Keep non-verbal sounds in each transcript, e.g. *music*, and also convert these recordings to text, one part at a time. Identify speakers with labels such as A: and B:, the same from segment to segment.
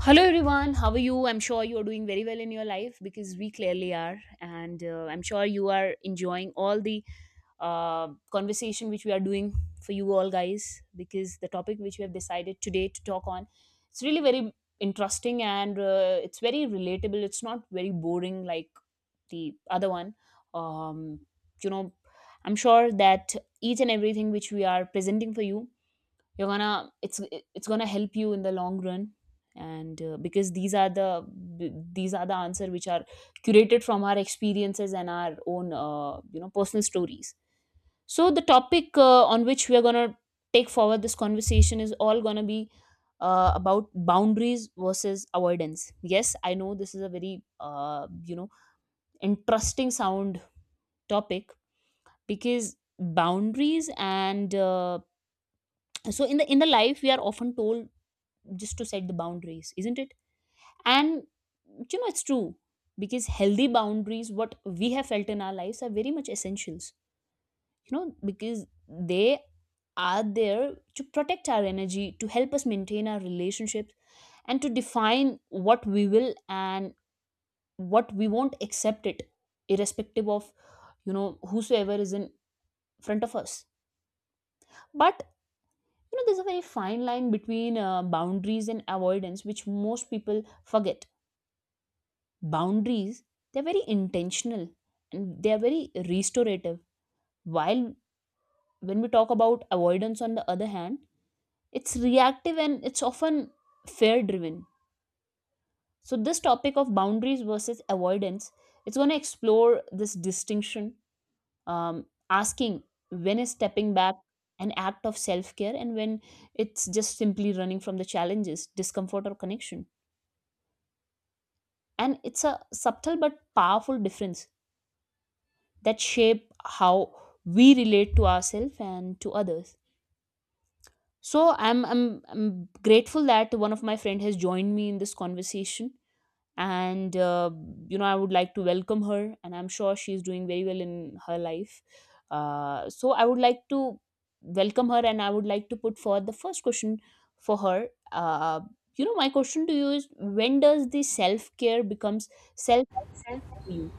A: Hello everyone, how are you? I'm sure you are doing very well in your life because we clearly are, and I'm sure you are enjoying all the conversation which we are doing for you all guys because the topic which we have decided today to talk on, it's really very interesting, and it's very relatable. It's not very boring like the other one. Um, you know, I'm sure that each and everything which we are presenting for you, you're gonna it's gonna help you in the long run, and because these are the these are the answer which are curated from our experiences and our own personal stories. So the topic on which we are going to take forward this conversation is all going to be about boundaries versus avoidance. Yes, I know this is a very interesting sound topic because boundaries and so in the life we are often told just to set the boundaries, isn't it? And you know it's true because healthy boundaries, what we have felt in our lives, are very much essentials. You know, because they are there to protect our energy, to help us maintain our relationships, and to define what we will and what we won't accept it, irrespective of, you know, whosoever is in front of us. But you know, there's a very fine line between boundaries and avoidance which most people forget. Boundaries, they're very intentional and they're very restorative, while when we talk about avoidance on the other hand, it's reactive and it's often fear driven. So this topic of boundaries versus avoidance, it's going to explore this distinction, asking when is stepping back an act of self-care, and when it's just simply running from the challenges, discomfort, or connection. And it's a subtle but powerful difference that shape how we relate to ourselves and to others. So I'm grateful that one of my friend has joined me in this conversation, and you know, I would like to welcome her, and I'm sure she's doing very well in her life. So I would like to welcome her, and I would like to put forward the first question for her. My question to you is, when does the self-care becomes self-help for you?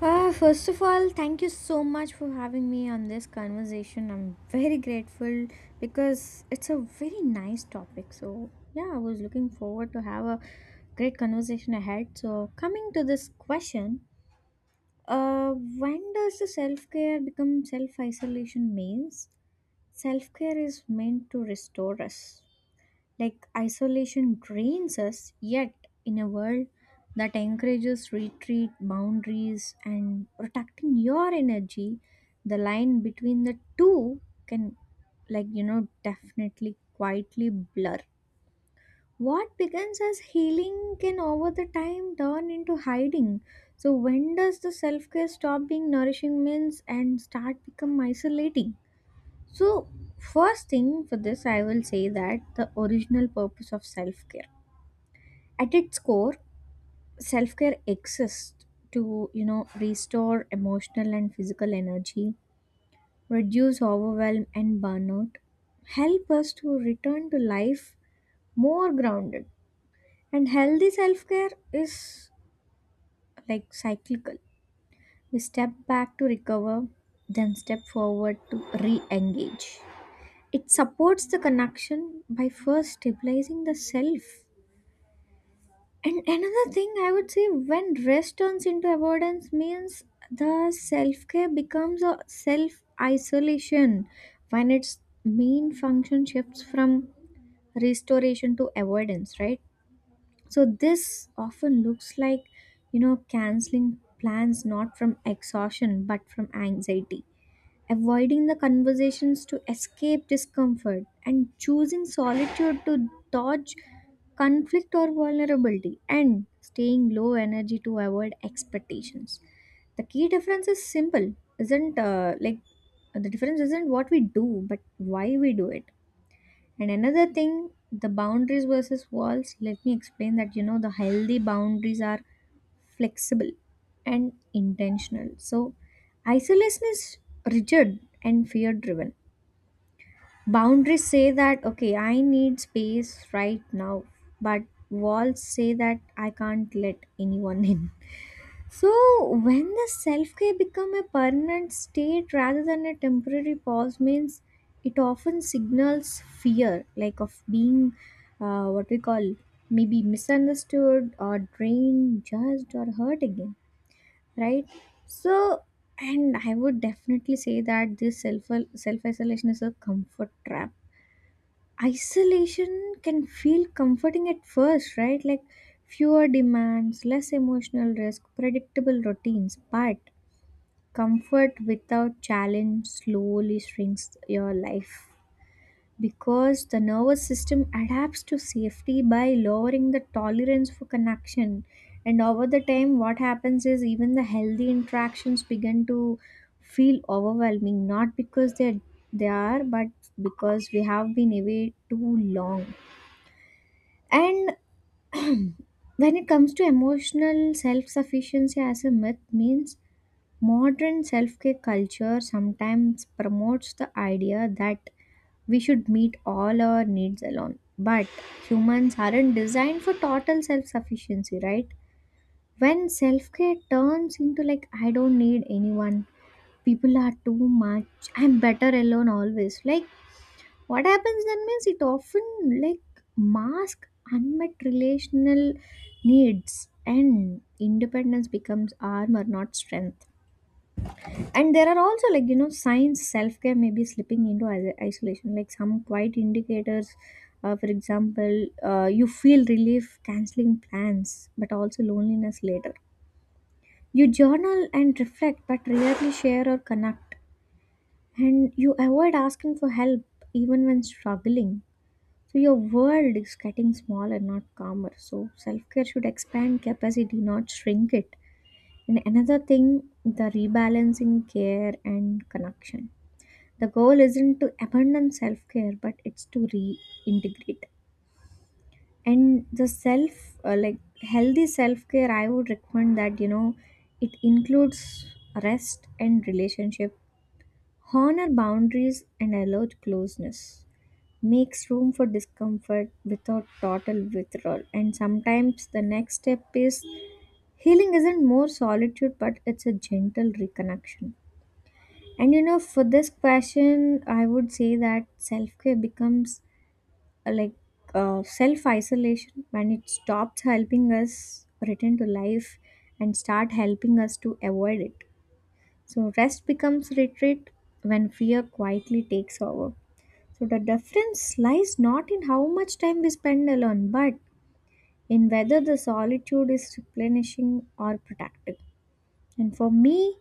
B: First of all, thank you so much for having me on this conversation. I'm very grateful because it's a very nice topic. So, yeah, I was looking forward to have a great conversation ahead. So, coming to this question, when does the self-care become self-isolation means? Self-care is meant to restore us, like isolation drains us. Yet, in a world that encourages retreat, boundaries, and protecting your energy, the line between the two can, like, definitely quietly blur. What begins as healing can over the time turn into hiding. So, when does the self care stop being nourishing means and start become isolating? So, first thing for this, I will say that the original purpose of self care. At its core, self care exists to, restore emotional and physical energy, reduce overwhelm and burnout, help us to return to life more grounded. And healthy self care is like cyclical. We step back to recover, then step forward to re engage. It supports the connection by first stabilizing the self. And another thing I would say when rest turns into avoidance means the self care becomes a self isolation when its main function shifts from restoration to avoidance, right? So this often looks like, canceling plans not from exhaustion but from anxiety, avoiding the conversations to escape discomfort, and choosing solitude to dodge conflict or vulnerability, and staying low energy to avoid expectations. The key difference is simple, isn't like the difference isn't what we do but why we do it. And another thing, the boundaries versus walls, let me explain that the healthy boundaries are flexible and intentional. So, isolation is rigid and fear driven. Boundaries say that, okay, I need space right now, but walls say that I can't let anyone *laughs* in. So, when the self care become a permanent state rather than a temporary pause, means it often signals fear, like of being what we call maybe misunderstood or drained, judged, or hurt again, right? So, and I would definitely say that this self isolation is a comfort trap. Isolation can feel comforting at first, right? Like fewer demands, less emotional risk, predictable routines, but comfort without challenge slowly shrinks your life because the nervous system adapts to safety by lowering the tolerance for connection. And over the time, what happens is even the healthy interactions begin to feel overwhelming, not because they are, but because we have been away too long. And when it comes to emotional self sufficiency as a myth, means modern self care culture sometimes promotes the idea that we should meet all our needs alone. But humans aren't designed for total self sufficiency, right? When self care turns into like, I don't need anyone, people are too much, I'm better alone always, like what happens then means it often like mask unmet relational needs, and independence becomes armor not strength. And there are also like signs self-care may be slipping into isolation, like some quiet indicators. For example, you feel relief canceling plans but also loneliness later. You journal and reflect but rarely share or connect, and you avoid asking for help even when struggling. So your world is getting smaller, not calmer. So self care should expand capacity, not shrink it. And another thing, the rebalancing care and connection. The goal isn't to abandon self care, but it's to reintegrate. And the self, like healthy self care, I would recommend that it includes rest and relationship, honor boundaries, and allow closeness, makes room for discomfort without total withdrawal. And sometimes the next step is healing isn't more solitude, but it's a gentle reconnection. And for this question, I would say that self care becomes like self isolation when it stops helping us return to life and start helping us to avoid it. So rest becomes retreat when fear quietly takes over. So the difference lies not in how much time we spend alone, but in whether the solitude is replenishing or protective. And for me,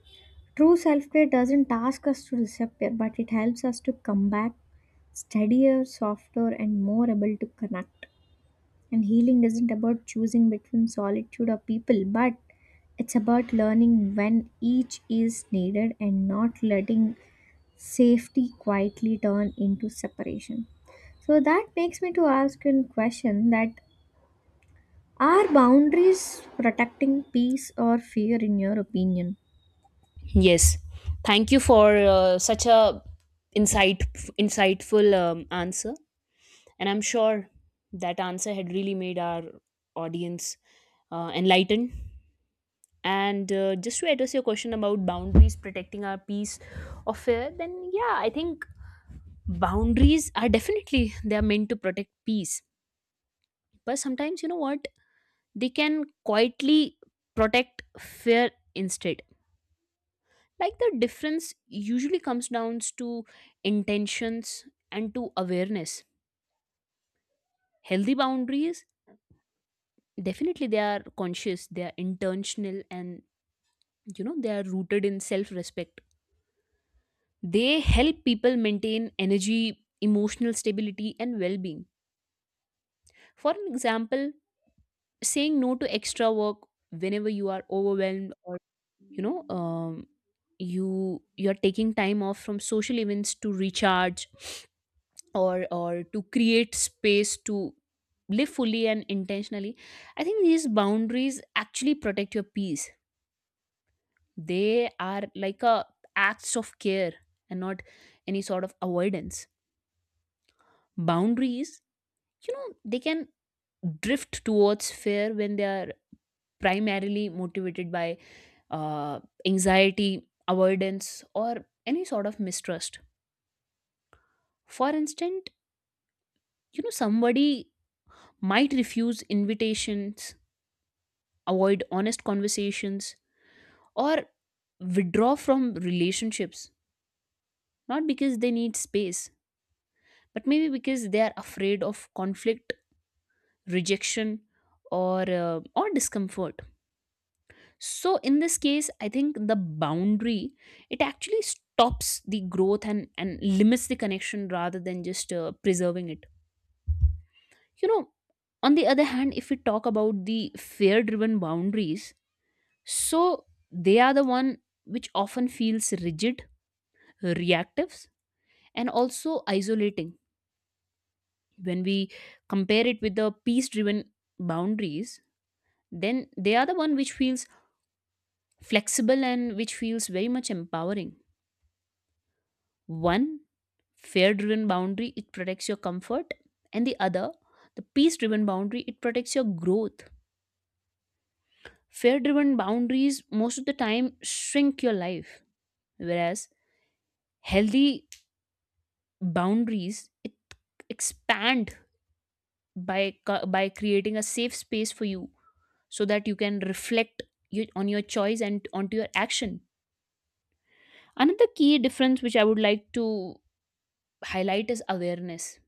B: true self care doesn't ask us to disappear, but it helps us to come back steadier, softer, and more able to connect. And healing isn't about choosing between solitude or people, but it's about learning when each is needed and not letting safety quietly turn into separation. So that makes me to ask you a question that are boundaries protecting peace or fear in your opinion?
A: Yes, thank you for such a insight insightful answer. And I'm sure that answer had really made our audience enlightened. And just to address your question about boundaries protecting our peace of fear, then yeah, I think boundaries are definitely, they are meant to protect peace, but sometimes you know what, they can quietly protect fear instead. Like the difference usually comes down to intentions and to awareness. Healthy boundaries, definitely they are conscious, they are intentional, and you know, they are rooted in self respect. They help people maintain energy, emotional stability, and well being. For an example, saying no to extra work whenever you are overwhelmed, or you know um, you you're taking time off from social events to recharge, or to create space to live fully and intentionally. I think these boundaries actually protect your peace. They are like a acts of care and not any sort of avoidance. Boundaries, you know, they can drift towards fear when they are primarily motivated by uh, anxiety, avoidance, or any sort of mistrust. For instance, you know, somebody might refuse invitations, avoid honest conversations, or withdraw from relationships, not because they need space, but maybe because they are afraid of conflict, rejection, or discomfort. So in this case, I think the boundary, it actually stops the growth, and limits the connection rather than just preserving it. You know, on the other hand, if we talk about the fear driven boundaries, so they are the one which often feels rigid, reactive, and also isolating. When we compare it with the peace driven boundaries, then they are the one which feels flexible and which feels very much empowering. One fear driven boundary, it protects your comfort, and the other, the peace driven boundary, it protects your growth. Fear driven boundaries most of the time shrink your life, whereas healthy boundaries, it expand by by creating a safe space for you so that you can reflect you, on your choice and onto your action. Another key difference which I would like to highlight is awareness.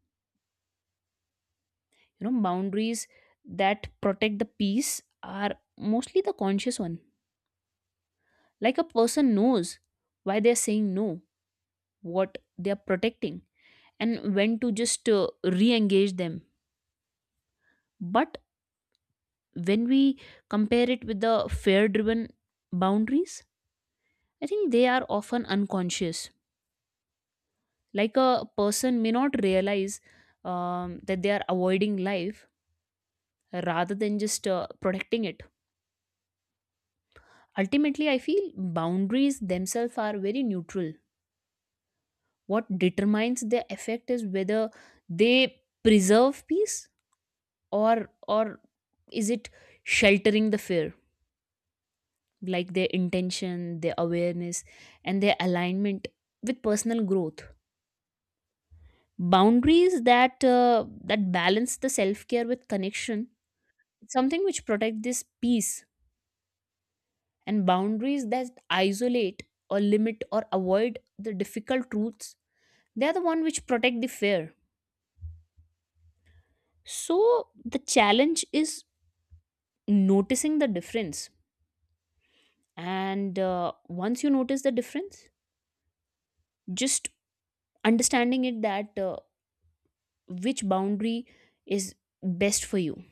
A: You know, boundaries that protect the peace are mostly the conscious one. Like a person knows why they're saying no, what they're protecting, and when to just re engage them. But when we compare it with the fear driven boundaries, I think they are often unconscious. Like a person may not realize that they are avoiding life rather than just protecting it. Ultimately, I feel boundaries themselves are very neutral. What determines their effect is whether they preserve peace or is it sheltering the fear, like their intention, their awareness, and their alignment with personal growth. Boundaries that that balance the self care with connection, something which protect this peace, and boundaries that isolate or limit or avoid the difficult truths, they are the one which protect the fair. So the challenge is noticing the difference. And once you notice the difference, just understanding it that which boundary is best for you.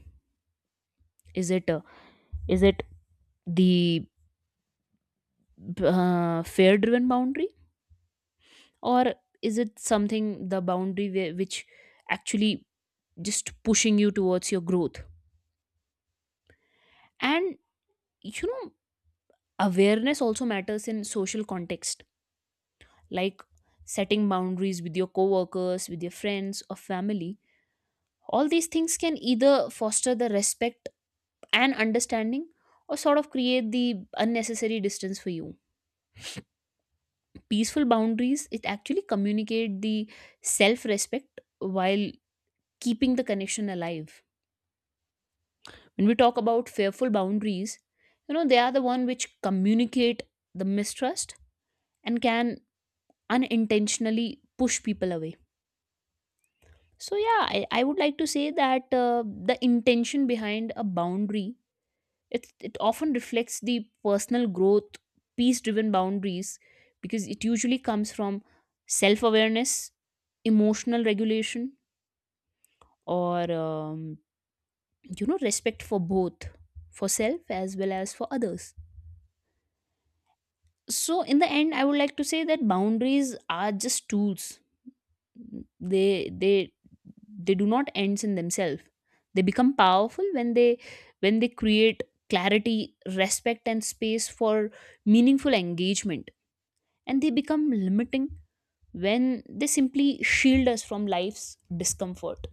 A: Is it uh, is it the fair driven boundary, or is it something, the boundary where, which actually just pushing you towards your growth? And you know, awareness also matters in social context, like setting boundaries with your coworkers, with your friends or family. All these things can either foster the respect and understanding or sort of create the unnecessary distance for you. Peaceful boundaries, it actually communicate the self-respect while keeping the connection alive. When we talk about fearful boundaries, you know, they are the one which communicate the mistrust and can unintentionally push people away. So yeah, I would like to say that the intention behind a boundary, it often reflects the personal growth. Peace driven boundaries, because it usually comes from self awareness, emotional regulation, or respect for both, for self as well as for others. So in the end, I would like to say that boundaries are just tools. They they they do not ends in themselves. They become powerful when they, when they create clarity, respect, and space for meaningful engagement, and they become limiting when they simply shield us from life's discomfort.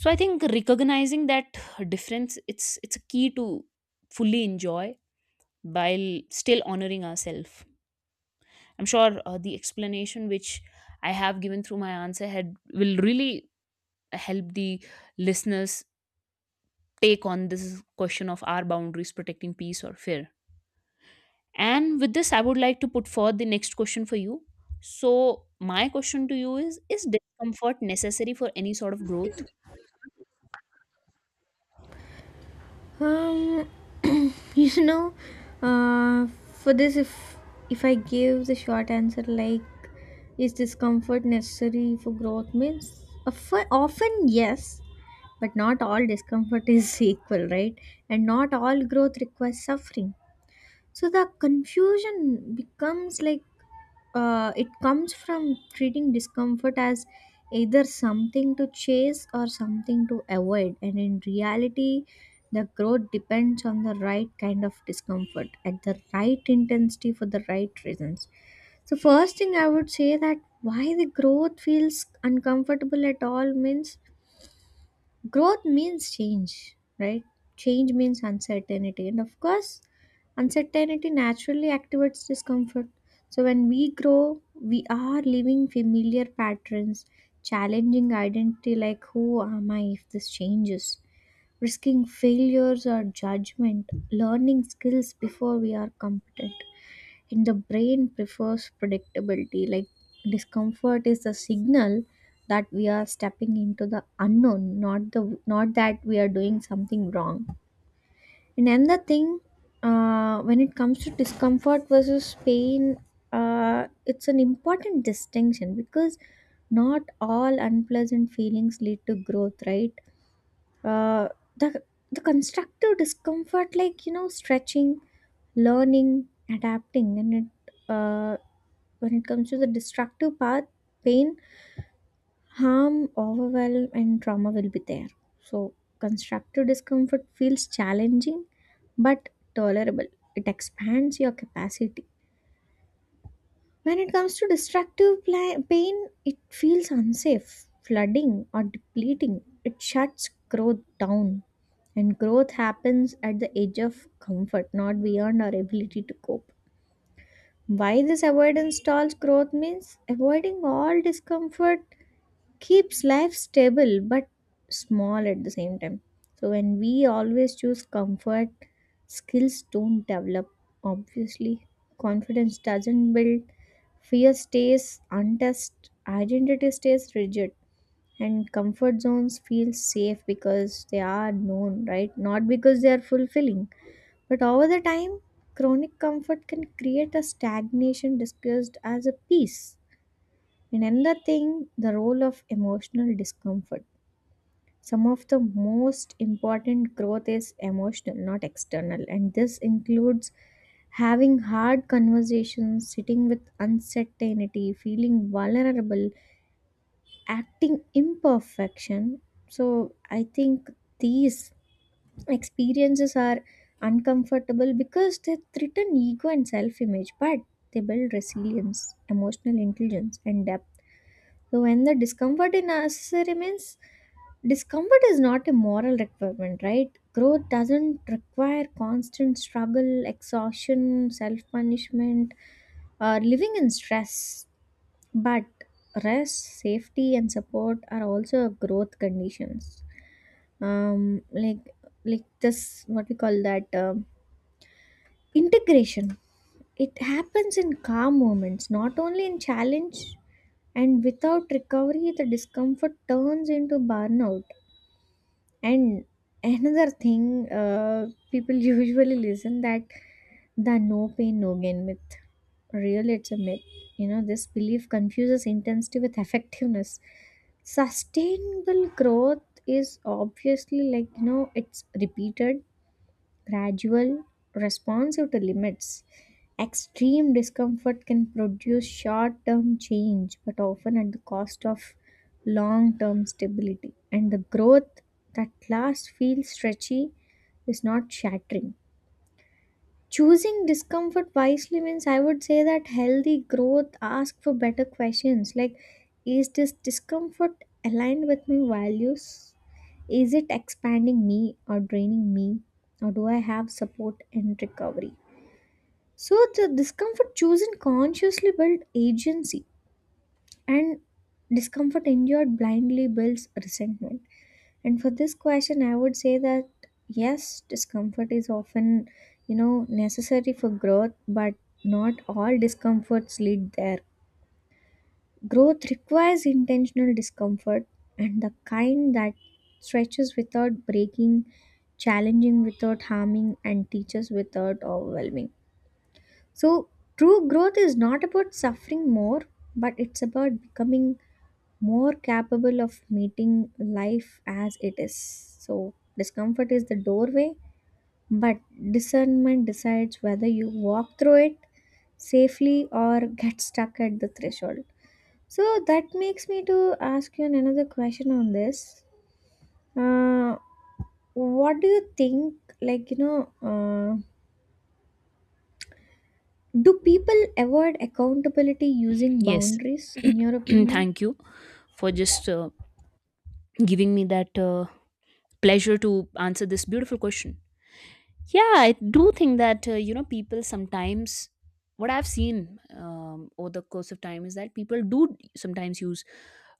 A: So I think recognizing that difference, it's a key to fully enjoy while still honoring ourselves. I'm sure the explanation which I have given through my answer had will really help the listeners take on this question of our boundaries protecting peace or fear. And with this, I would like to put forth the next question for you. So my question to you is discomfort necessary for any sort of growth?
B: Um, *clears throat* you know, uh, for this, if I give the short answer like, is discomfort necessary for growth? Means often yes, but not all discomfort is *laughs* equal, right? And not all growth requires suffering. So the confusion becomes like it comes from treating discomfort as either something to chase or something to avoid, and in reality the growth depends on the right kind of discomfort at the right intensity for the right reasons. So first thing I would say that why the growth feels uncomfortable at all means growth means change, right? Change means uncertainty, and of course uncertainty naturally activates discomfort. So when we grow, we are living familiar patterns, challenging identity, like who am I if this changes, risking failures or judgment, learning skills before we are competent. And the brain prefers predictability, like discomfort is a signal that we are stepping into the unknown, not the not that we are doing something wrong. And another thing, when it comes to discomfort versus pain, it's an important distinction because not all unpleasant feelings lead to growth, right? Uh, the the constructive discomfort like stretching, learning, adapting. And it when it comes to the destructive path, pain, harm, overwhelm, and trauma will be there. So constructive discomfort feels challenging but tolerable. It expands your capacity. When it comes to destructive pain, it feels unsafe, flooding or depleting. It shuts growth down. And growth happens at the edge of comfort, not beyond our ability to cope. Why this avoidance stalls growth means avoiding all discomfort keeps life stable but small at the same time. So when we always choose comfort, skills don't develop. Obviously, confidence doesn't build, fear stays untested, identity stays rigid, and comfort zones feel safe because they are known, right? Not because they are fulfilling. But over the time, chronic comfort can create a stagnation discussed as a peace. And another thing, the role of emotional discomfort. Some of the most important growth is emotional, not external. And this includes having hard conversations, sitting with uncertainty, feeling vulnerable, acting imperfection. So I think these experiences are uncomfortable because they threaten ego and self image, but they build resilience, emotional intelligence, and depth. So when the discomfort is necessary means discomfort is not a moral requirement, right? Growth doesn't require constant struggle, exhaustion, self punishment, or living in stress. But rest, safety, and support are also growth conditions. Um, like like this, what we call that integration. It happens in calm moments, not only in challenge, and without recovery, the discomfort turns into burnout. And another thing, people *laughs* usually listen that the no pain, no gain myth. Real, it's a myth. This belief confuses intensity with effectiveness. Sustainable growth is obviously like, it's repeated, gradual, responsive to limits. Extreme discomfort can produce short term change, but often at the cost of long term stability. And the growth that last feels stretchy is not shattering. Choosing discomfort wisely means I would say that healthy growth asks for better questions, like is this discomfort aligned with my values? Is it expanding me or draining me? Or do I have support and recovery? So the discomfort chosen consciously built agency, and discomfort endured blindly builds resentment. And for this question, I would say that yes, discomfort is often, necessary for growth, but not all discomforts lead there. Growth requires intentional discomfort, and the kind that stretches without breaking, challenging without harming, and teaches without overwhelming. So, true growth is not about suffering more, but it's about becoming more capable of meeting life as it is. So, discomfort is the doorway, but discernment decides whether you walk through it safely or get stuck at the threshold. So, that makes me to ask you another question on this. Uh, what do you think, like, do people avoid accountability using
A: Yes,
B: boundaries, in your
A: *clears throat*
B: opinion?
A: thank you for just giving me that pleasure to answer this beautiful question. Yeah, I do think that people sometimes, what I've seen over the course of time, is that people do sometimes use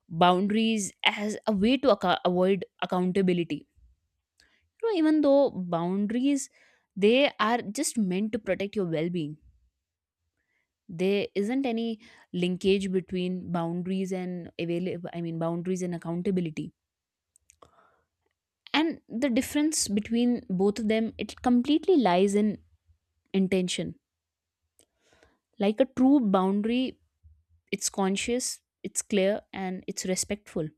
A: boundaries as a way to avoid accountability. You know, even though boundaries, they are just meant to protect your well-being, there isn't any linkage between boundaries and available, I mean boundaries and accountability. And the difference between both of them, it completely lies in intention. Like a true boundary, it's conscious, it's clear, and it's respectful.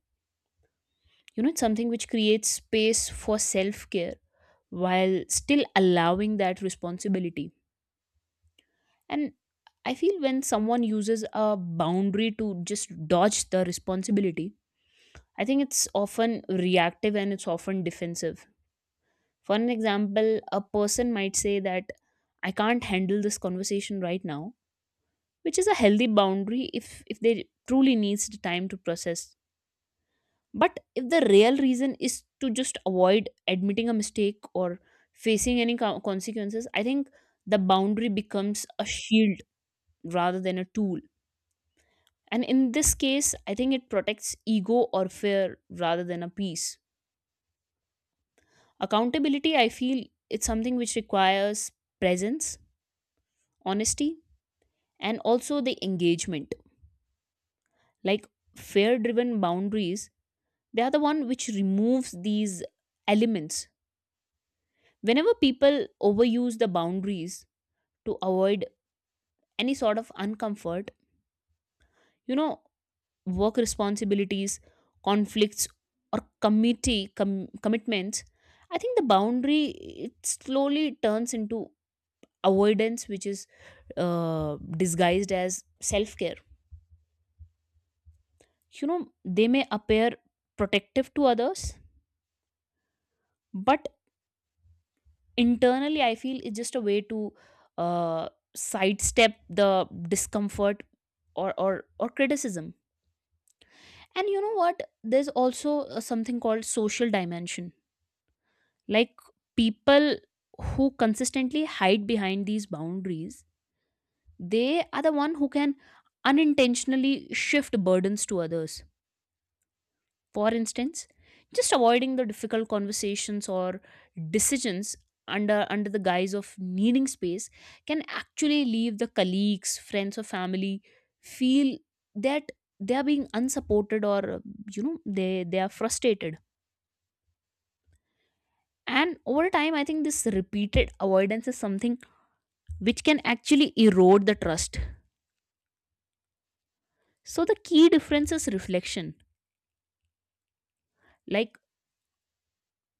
A: You know, it's something which creates space for self-care while still allowing that responsibility. And I feel when someone uses a boundary to just dodge the responsibility, I think it's often reactive and it's often defensive. For an example, a person might say that I can't handle this conversation right now, which is a healthy boundary if they truly needs the time to process. But if the real reason is to just avoid admitting a mistake or facing any consequences, I think the boundary becomes a shield rather than a tool. And in this case, I think it protects ego or fear rather than a peace. Accountability, I feel, it's something which requires presence, honesty, and also the engagement. Like fear driven boundaries, they are the one which removes these elements. Whenever people overuse the boundaries to avoid any sort of uncomfort, you know, work responsibilities, conflicts, or commitments, I think the boundary, it slowly turns into avoidance, which is disguised as self care. You know, they may appear protective to others, but internally, I feel it's just a way to uh, sidestep the discomfort or criticism. And you know what? There's also something called social dimension. Like people who consistently hide behind these boundaries, they are the one who can unintentionally shift burdens to others. For instance, just avoiding the difficult conversations or decisions under the guise of needing space can actually leave the colleagues, friends, or family feel that they are being unsupported, or you know, they are frustrated. And over time, I think this repeated avoidance is something which can actually erode the trust. So the key difference is reflection. Like,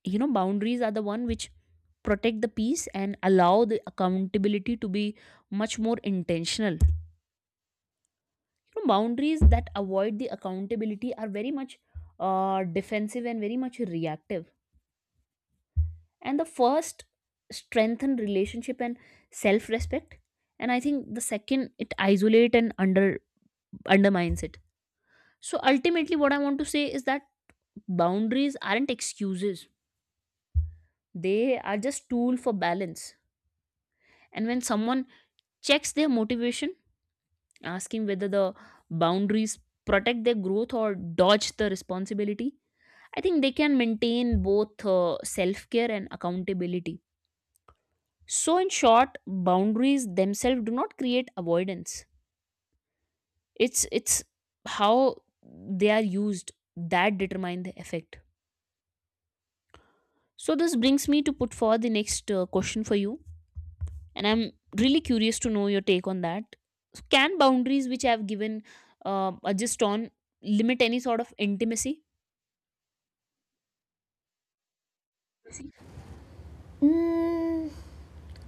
A: you know, boundaries are the one which protect the peace and allow the accountability to be much more intentional. You know, boundaries that avoid the accountability are very much defensive and very much reactive. And the first strengthen relationship and self respect, and I think the second, it isolate and undermines it. So ultimately what I want to say is that boundaries aren't excuses, they are just tool for balance. And when someone checks their motivation, asking whether the boundaries protect their growth or dodge the responsibility, I think they can maintain both self care and accountability. So in short, boundaries themselves do not create avoidance. It's how they are used that determine the effect. So this brings me to put forward the next question for you, and I'm really curious to know your take on that. Can boundaries, which I have given are just on, limit any sort of intimacy?
B: Mm,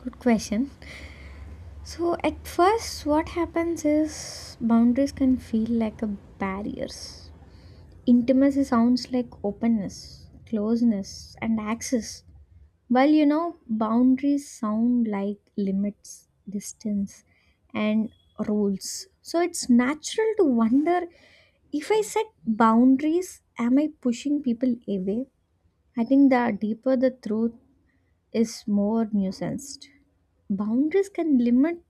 B: good question. So at first, what happens is boundaries can feel like a barriers. Intimacy sounds like openness, closeness, and access. Well, boundaries sound like limits, distance, and rules. So it's natural to wonder, if I set boundaries, am I pushing people away? I think the deeper the truth is, more nuanced. Boundaries can limit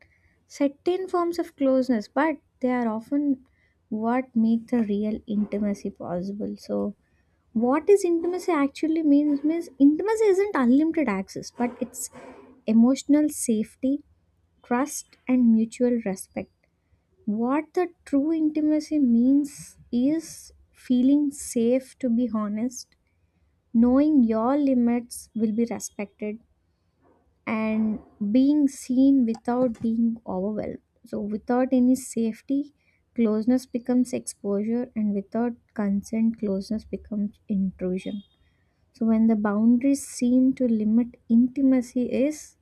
B: certain forms of closeness, but they are often what make the real intimacy possible. So, what is intimacy actually means? Intimacy isn't unlimited access, but it's emotional safety, trust, and mutual respect. What the true intimacy means is feeling safe to be honest, knowing your limits will be respected, and being seen without being overwhelmed. So, without any safety, closeness becomes exposure, and without consent, closeness becomes intrusion. So, when the boundaries seem to limit intimacy, is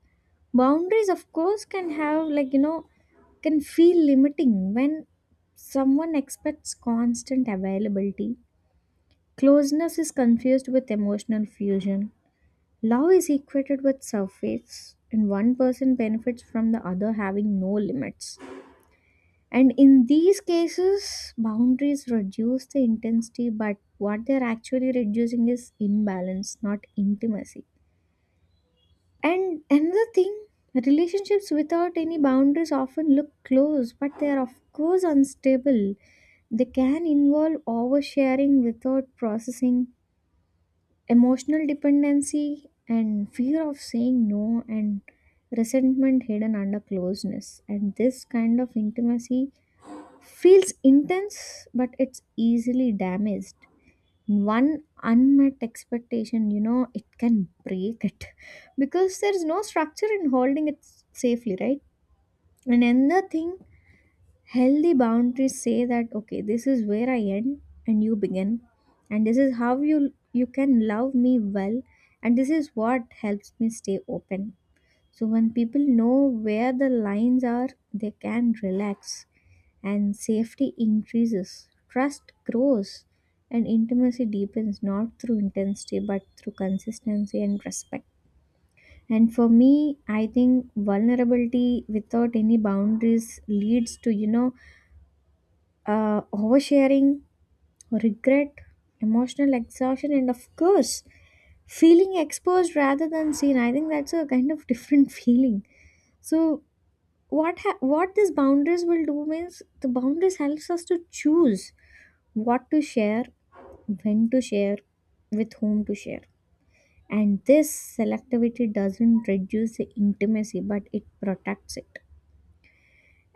B: boundaries, of course, can have like can feel limiting when someone expects constant availability. Closeness is confused with emotional fusion. Love is equated with surface, and one person benefits from the other having no limits. And in these cases, boundaries reduce the intensity, but what they're actually reducing is imbalance, not intimacy. And another thing, relationships without any boundaries often look close, but they are, of course, unstable. They can involve oversharing without processing, emotional dependency, and fear of saying no, and resentment hidden under closeness. And this kind of intimacy feels intense, but it's easily damaged. One unmet expectation, it can break it *laughs* because there's no structure in holding it safely, right? And another thing, healthy boundaries say that okay, this is where I end and you begin, and this is how you can love me well, and this is what helps me stay open. So when people know where the lines are, they can relax, and safety increases, trust grows, and intimacy deepens, not through intensity but through consistency and respect. And for me, I think vulnerability without any boundaries leads to oversharing, regret, emotional exhaustion, and of course, feeling exposed rather than seen. I think that's a kind of different *laughs* feeling. So, what these boundaries will do means the boundaries helps us to choose what to share, when to share, with whom to share. And this selectivity doesn't reduce the intimacy, but it protects it.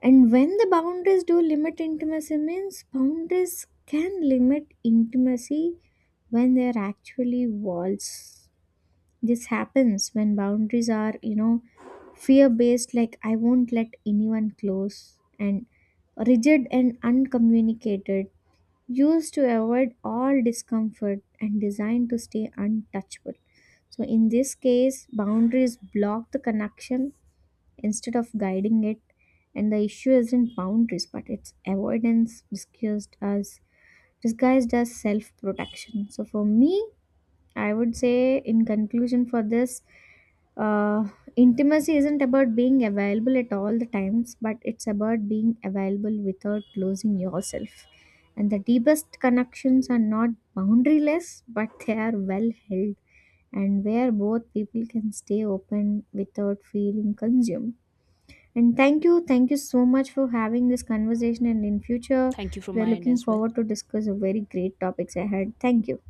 B: And when the boundaries do limit intimacy, means boundaries can limit intimacy when they are actually walls. This happens when boundaries are, fear based, like I won't let anyone close, and rigid and uncommunicated, used to avoid all discomfort and designed to stay untouchable. So, in this case, boundaries block the connection instead of guiding it. And the issue isn't boundaries, but it's avoidance disguised as self-protection. So for me, I would say in conclusion for this, uh, intimacy isn't about being available at all the times, but it's about being available without losing yourself. And the deepest connections are not boundaryless, but they are well held, and where both people can stay open without feeling consumed. And thank you so much for having this conversation. And in future,
A: Thank you from
B: we are
A: my end
B: looking
A: as well.
B: forward to discuss a very great topics ahead. Thank you.